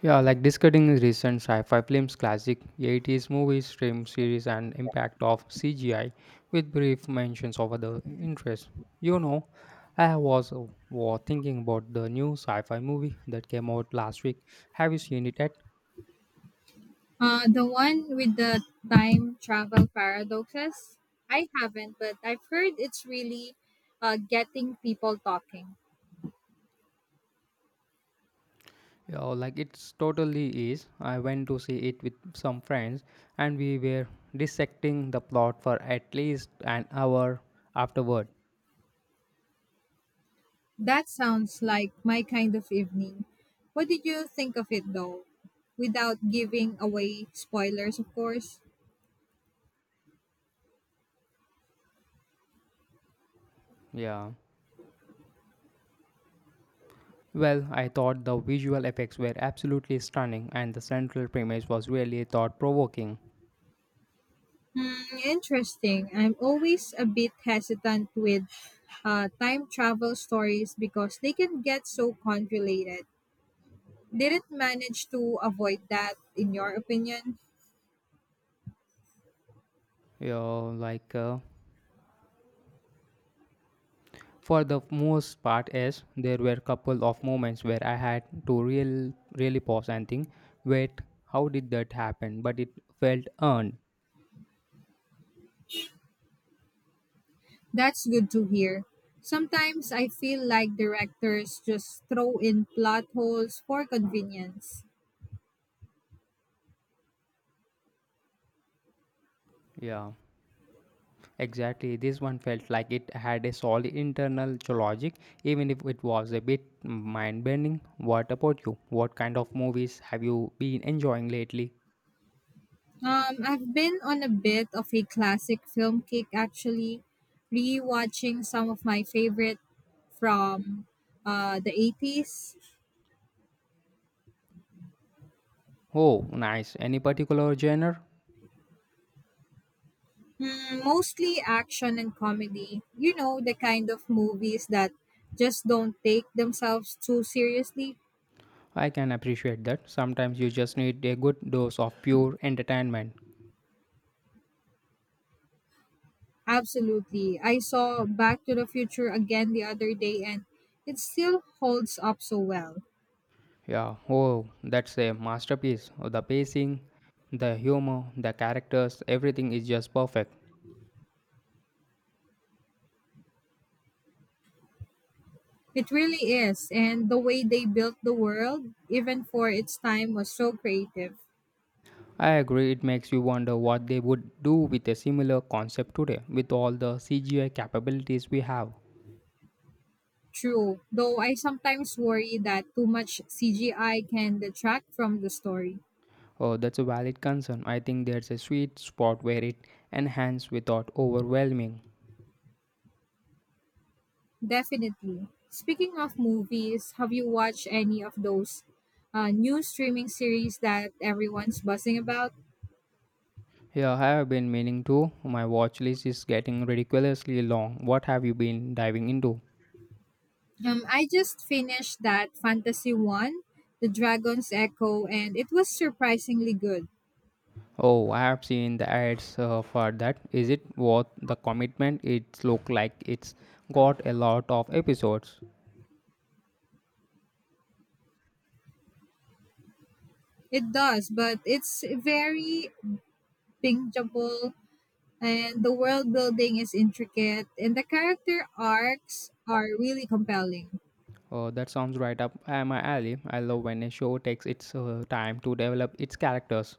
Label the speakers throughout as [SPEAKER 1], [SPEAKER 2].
[SPEAKER 1] Yeah, like discussing recent sci-fi films, classic 80s movies, stream series, and impact of CGI, with brief mentions of other interests. You know, I was thinking about the new sci-fi movie that came out last week. Have you seen it yet?
[SPEAKER 2] The one with the time travel paradoxes? I haven't, but I've heard it's really getting people talking.
[SPEAKER 1] Yeah, like it's totally is. I went to see it with some friends, and we were dissecting the plot for at least an hour afterward.
[SPEAKER 2] That sounds like my kind of evening. What did you think of it though? Without giving away spoilers, of course.
[SPEAKER 1] Yeah. Well, I thought the visual effects were absolutely stunning, and the central premise was really thought-provoking.
[SPEAKER 2] Hmm, interesting. I'm always a bit hesitant with time travel stories because they can get so convoluted. Did it manage to avoid that, in your opinion?
[SPEAKER 1] You know, like uh, for the most part, yes, there were couple of moments where I had to really pause and think, wait, how did that happen? But it felt earned.
[SPEAKER 2] That's good to hear. Sometimes I feel like directors just throw in plot holes for convenience.
[SPEAKER 1] Yeah, exactly. This one felt like it had a solid internal logic, even if it was a bit mind-bending. What about you? What kind of movies have you been enjoying lately?
[SPEAKER 2] I've been on a bit of a classic film kick actually, rewatching some of my favorite from the eighties.
[SPEAKER 1] Oh, nice. Any particular genre?
[SPEAKER 2] Mm, mostly action and comedy. You know, the kind of movies that just don't take themselves too seriously.
[SPEAKER 1] I can appreciate that. Sometimes you just need a good dose of pure entertainment.
[SPEAKER 2] Absolutely. I saw Back to the Future again the other day and it still holds up so well.
[SPEAKER 1] Yeah, oh, that's a masterpiece. The pacing, the humor, the characters, everything is just perfect.
[SPEAKER 2] It really is. And the way they built the world, even for its time, was so creative.
[SPEAKER 1] I agree, it makes you wonder what they would do with a similar concept today with all the CGI capabilities we have.
[SPEAKER 2] True, though I sometimes worry that too much CGI can detract from the story.
[SPEAKER 1] Oh, that's a valid concern. I think there's a sweet spot where it enhances without overwhelming.
[SPEAKER 2] Definitely. Speaking of movies, have you watched any of those new streaming series that everyone's buzzing about?
[SPEAKER 1] Yeah, I have been meaning to. My watch list is getting ridiculously long. What have you been diving into?
[SPEAKER 2] I just finished that Fantasy one, The Dragon's Echo, and it was surprisingly good.
[SPEAKER 1] Oh, I have seen the ads for that. Is it worth the commitment? It looks like it's got a lot of episodes.
[SPEAKER 2] It does, but it's very bingeable, and the world building is intricate, and the character arcs are really compelling.
[SPEAKER 1] That sounds right up my alley. I love when a show takes its time to develop its characters.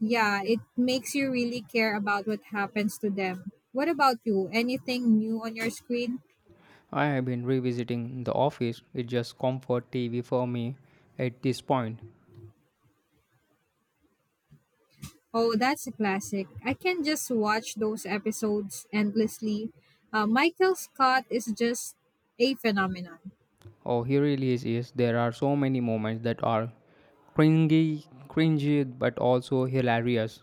[SPEAKER 2] Yeah, it makes you really care about what happens to them. What about you? Anything new on your screen?
[SPEAKER 1] I have been revisiting The Office. It's just comfort TV for me at this point.
[SPEAKER 2] Oh, that's a classic. I can just watch those episodes endlessly. Michael Scott is just a phenomenon.
[SPEAKER 1] Oh, here really is. There are so many moments that are cringy, cringy, but also hilarious.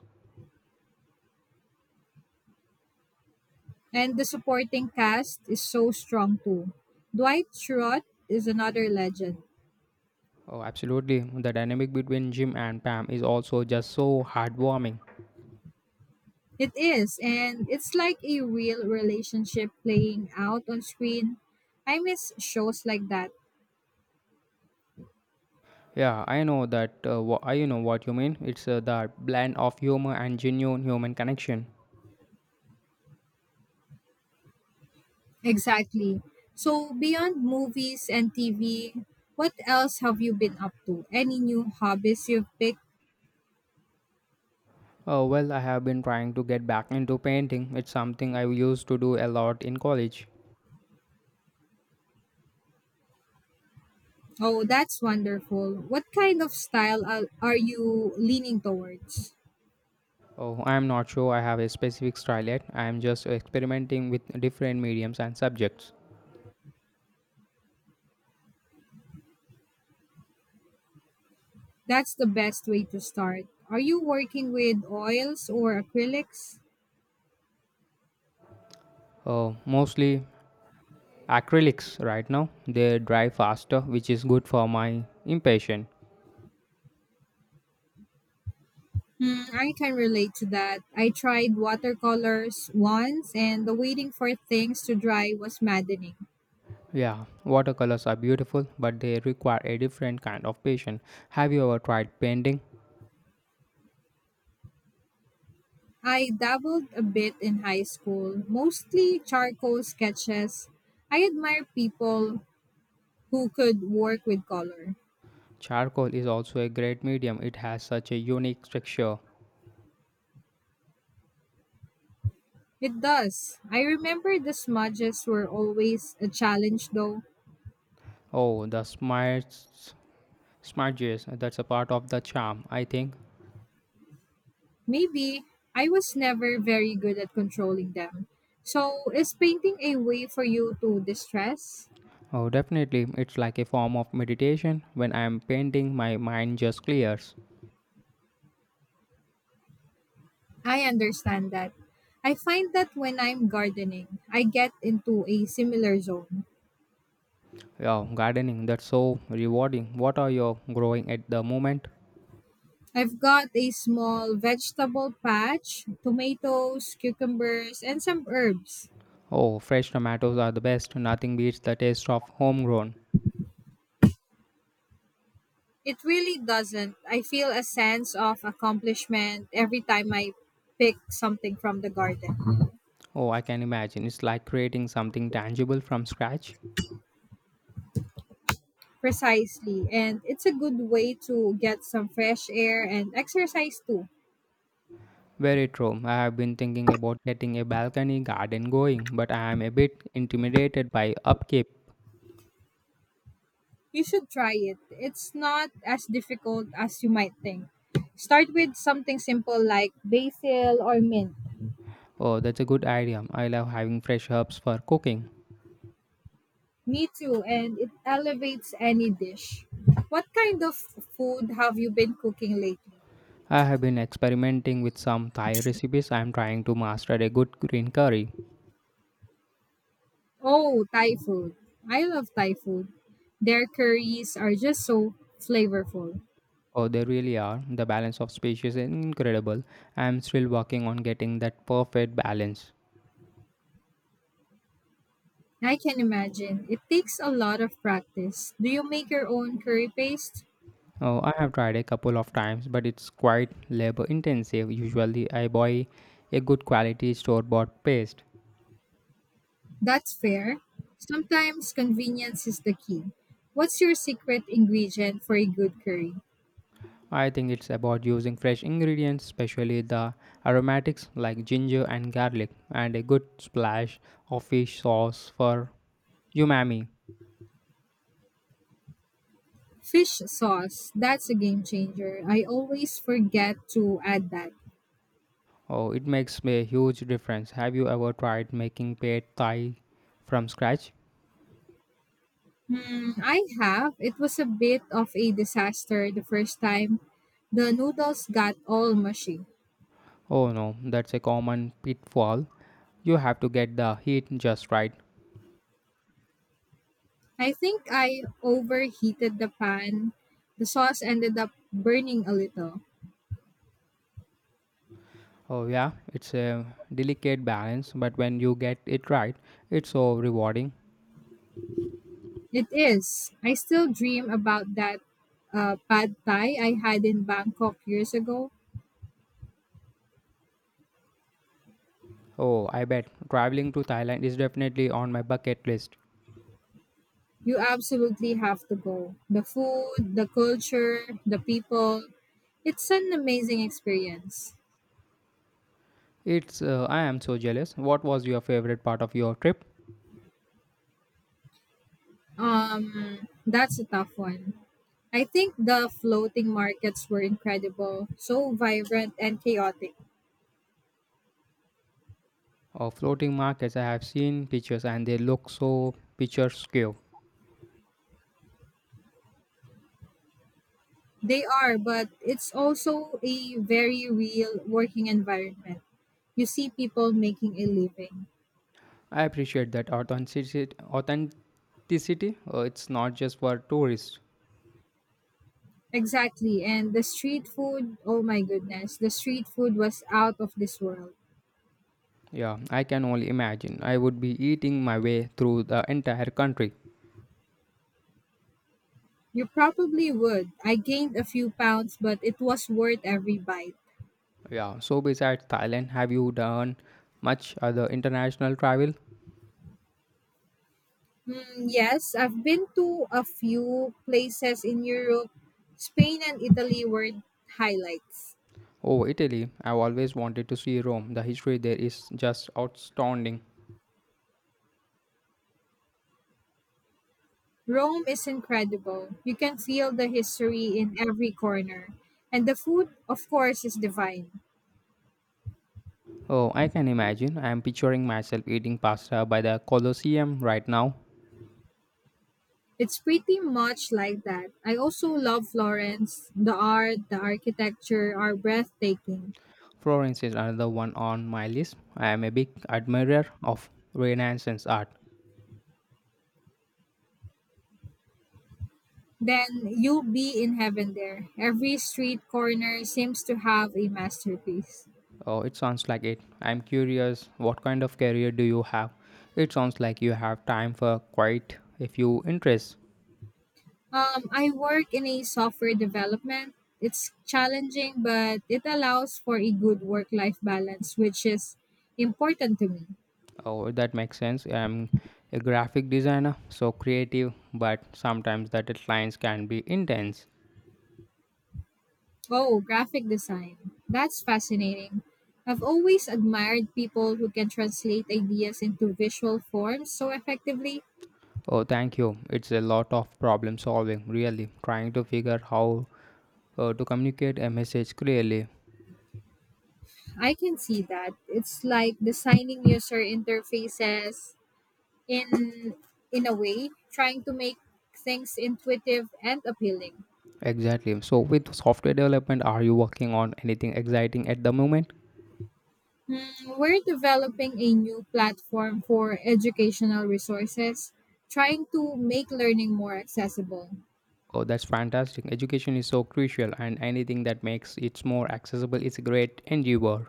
[SPEAKER 2] And the supporting cast is so strong too. Dwight Schrute is another legend.
[SPEAKER 1] Oh, absolutely. The dynamic between Jim and Pam is also just so heartwarming.
[SPEAKER 2] It is, and it's like a real relationship playing out on screen. I miss shows like that.
[SPEAKER 1] Yeah, I know that. I know what you mean. It's that blend of humor and genuine human connection.
[SPEAKER 2] Exactly. So, beyond movies and TV, what else have you been up to? Any new hobbies you've picked?
[SPEAKER 1] Well, I have been trying to get back into painting. It's something I used to do a lot in college.
[SPEAKER 2] Oh, that's wonderful. What kind of style are you leaning towards?
[SPEAKER 1] Oh, I am not sure I have a specific style yet. I am just experimenting with different mediums and subjects.
[SPEAKER 2] That's the best way to start. Are you working with oils or acrylics?
[SPEAKER 1] Mostly acrylics right now, they dry faster, which is good for my impatient.
[SPEAKER 2] Hmm, I can relate to that. I tried watercolors once and the waiting for things to dry was maddening.
[SPEAKER 1] Yeah, watercolors are beautiful, but they require a different kind of patience. Have you ever tried painting?
[SPEAKER 2] I dabbled a bit in high school, mostly charcoal sketches. I admire people who could work with color.
[SPEAKER 1] Charcoal is also a great medium, it has such a unique texture.
[SPEAKER 2] It does. I remember the smudges were always a challenge, though.
[SPEAKER 1] Oh the smarts smudges, that's a part of the charm, I think.
[SPEAKER 2] Maybe I was never very good at controlling them. So, is painting a way for you to distress?
[SPEAKER 1] Oh, definitely. It's like a form of meditation. When I am painting, my mind just clears.
[SPEAKER 2] I understand that. I find that when I'm gardening, I get into a similar zone.
[SPEAKER 1] Yeah, gardening, that's so rewarding. What are you growing at the moment?
[SPEAKER 2] I've got a small vegetable patch, tomatoes, cucumbers, and some herbs.
[SPEAKER 1] Oh, fresh tomatoes are the best. Nothing beats the taste of homegrown.
[SPEAKER 2] It really doesn't. I feel a sense of accomplishment every time I pick something from the garden.
[SPEAKER 1] Oh, I can imagine. It's like creating something tangible from scratch.
[SPEAKER 2] Precisely. And it's a good way to get some fresh air and exercise too.
[SPEAKER 1] Very true. I have been thinking about getting a balcony garden going, but I am a bit intimidated by upkeep.
[SPEAKER 2] You should try it. It's not as difficult as you might think. Start with something simple like basil or mint.
[SPEAKER 1] Oh, that's a good idea. I love having fresh herbs for cooking.
[SPEAKER 2] Me too, and it elevates any dish. What kind of food have you been cooking lately?
[SPEAKER 1] I have been experimenting with some Thai recipes. I am trying to master a good green curry.
[SPEAKER 2] Oh, Thai food. I love Thai food. Their curries are just so flavorful.
[SPEAKER 1] Oh, they really are. The balance of species is incredible. I am still working on getting that perfect balance.
[SPEAKER 2] I can imagine. It takes a lot of practice. Do you make your own curry paste?
[SPEAKER 1] Oh, I have tried a couple of times, but it's quite labor intensive. Usually, I buy a good quality store bought paste.
[SPEAKER 2] That's fair. Sometimes convenience is the key. What's your secret ingredient for a good curry?
[SPEAKER 1] I think it's about using fresh ingredients, especially the aromatics like ginger and garlic, and a good splash of fish sauce for umami.
[SPEAKER 2] Fish sauce. That's a game changer. I always forget to add that.
[SPEAKER 1] Oh, it makes a huge difference. Have you ever tried making pad thai from scratch?
[SPEAKER 2] Mm, I have. It was a bit of a disaster the first time. The noodles got all mushy.
[SPEAKER 1] Oh no, that's a common pitfall. You have to get the heat just right.
[SPEAKER 2] I think I overheated the pan. The sauce ended up burning a little.
[SPEAKER 1] Oh, yeah, it's a delicate balance, but when you get it right, it's so rewarding.
[SPEAKER 2] It is. I still dream about that pad thai I had in Bangkok years ago.
[SPEAKER 1] Oh, I bet traveling to Thailand is definitely on my bucket list.
[SPEAKER 2] You absolutely have to go. The food, the culture, the people. It's an amazing experience.
[SPEAKER 1] It's, I am so jealous. What was your favorite part of your trip?
[SPEAKER 2] That's a tough one. I think the floating markets were incredible, so vibrant and chaotic.
[SPEAKER 1] Oh, floating markets, I have seen pictures and they look so picturesque.
[SPEAKER 2] They are, but it's also a very real working environment. You see people making a living.
[SPEAKER 1] I appreciate that authenticity. Authenticity. It's not just for tourists.
[SPEAKER 2] Exactly. And the street food, oh my goodness, the street food was out of this world.
[SPEAKER 1] Yeah, I can only imagine. I would be eating my way through the entire country.
[SPEAKER 2] You probably would. I gained a few pounds, but it was worth every bite.
[SPEAKER 1] Yeah, so besides Thailand, have you done much other international travel?
[SPEAKER 2] Mm, yes, I've been to a few places in Europe. Spain and Italy were highlights.
[SPEAKER 1] Oh, Italy. I've always wanted to see Rome. The history there is just outstanding.
[SPEAKER 2] Rome is incredible. You can feel the history in every corner. And the food, of course, is divine.
[SPEAKER 1] Oh, I can imagine. I'm picturing myself eating pasta by the Colosseum right now.
[SPEAKER 2] It's pretty much like that. I also love Florence. The art, the architecture are breathtaking.
[SPEAKER 1] Florence is another one on my list. I am a big admirer of Renaissance art.
[SPEAKER 2] Then you'll be in heaven there. Every street corner seems to have a masterpiece.
[SPEAKER 1] Oh, it sounds like it. I'm curious, what kind of career do you have? It sounds like you have time for quite a few interests.
[SPEAKER 2] I work in a software development. It's challenging, but it allows for a good work life balance, which is important to me.
[SPEAKER 1] Oh, that makes sense. I'm a graphic designer, so creative, but sometimes the deadlines can be intense.
[SPEAKER 2] Oh, graphic design. That's fascinating. I've always admired people who can translate ideas into visual forms so effectively.
[SPEAKER 1] Oh, thank you. It's a lot of problem solving, really, trying to figure how to communicate a message clearly.
[SPEAKER 2] I can see that. It's like designing user interfaces in in a way, trying to make things intuitive and appealing.
[SPEAKER 1] Exactly. So, with software development, are you working on anything exciting at the moment?
[SPEAKER 2] Hmm, we're developing a new platform for educational resources, trying to make learning more accessible.
[SPEAKER 1] Oh, that's fantastic. Education is so crucial, and anything that makes it more accessible is a great endeavor.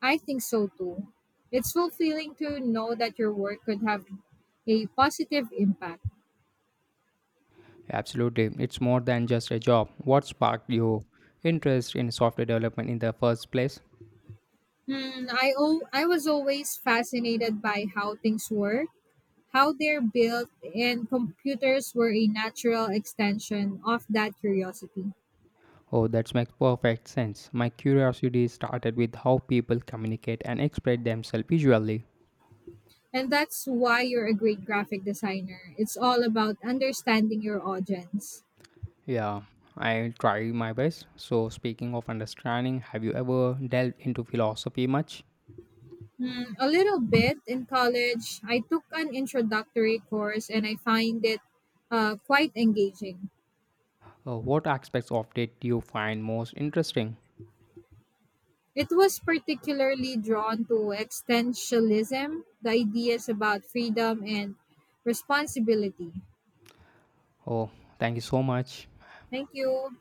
[SPEAKER 2] I think so too. It's fulfilling to know that your work could have a positive impact.
[SPEAKER 1] Absolutely. It's more than just a job. What sparked your interest in software development in the first place?
[SPEAKER 2] I was always fascinated by how how they're built, and computers were a natural extension of that curiosity.
[SPEAKER 1] Oh, that makes perfect sense. My curiosity started with how people communicate and express themselves visually.
[SPEAKER 2] And that's why you're a great graphic designer. It's all about understanding your audience.
[SPEAKER 1] Yeah, I'll try my best. So, speaking of understanding, have you ever delved into philosophy much?
[SPEAKER 2] Hmm, a little bit in college, I took an introductory course and I find it quite engaging.
[SPEAKER 1] What aspects of it do you find most interesting?
[SPEAKER 2] It was particularly drawn to existentialism, the ideas about freedom and responsibility.
[SPEAKER 1] Oh, thank you so much.
[SPEAKER 2] Thank you.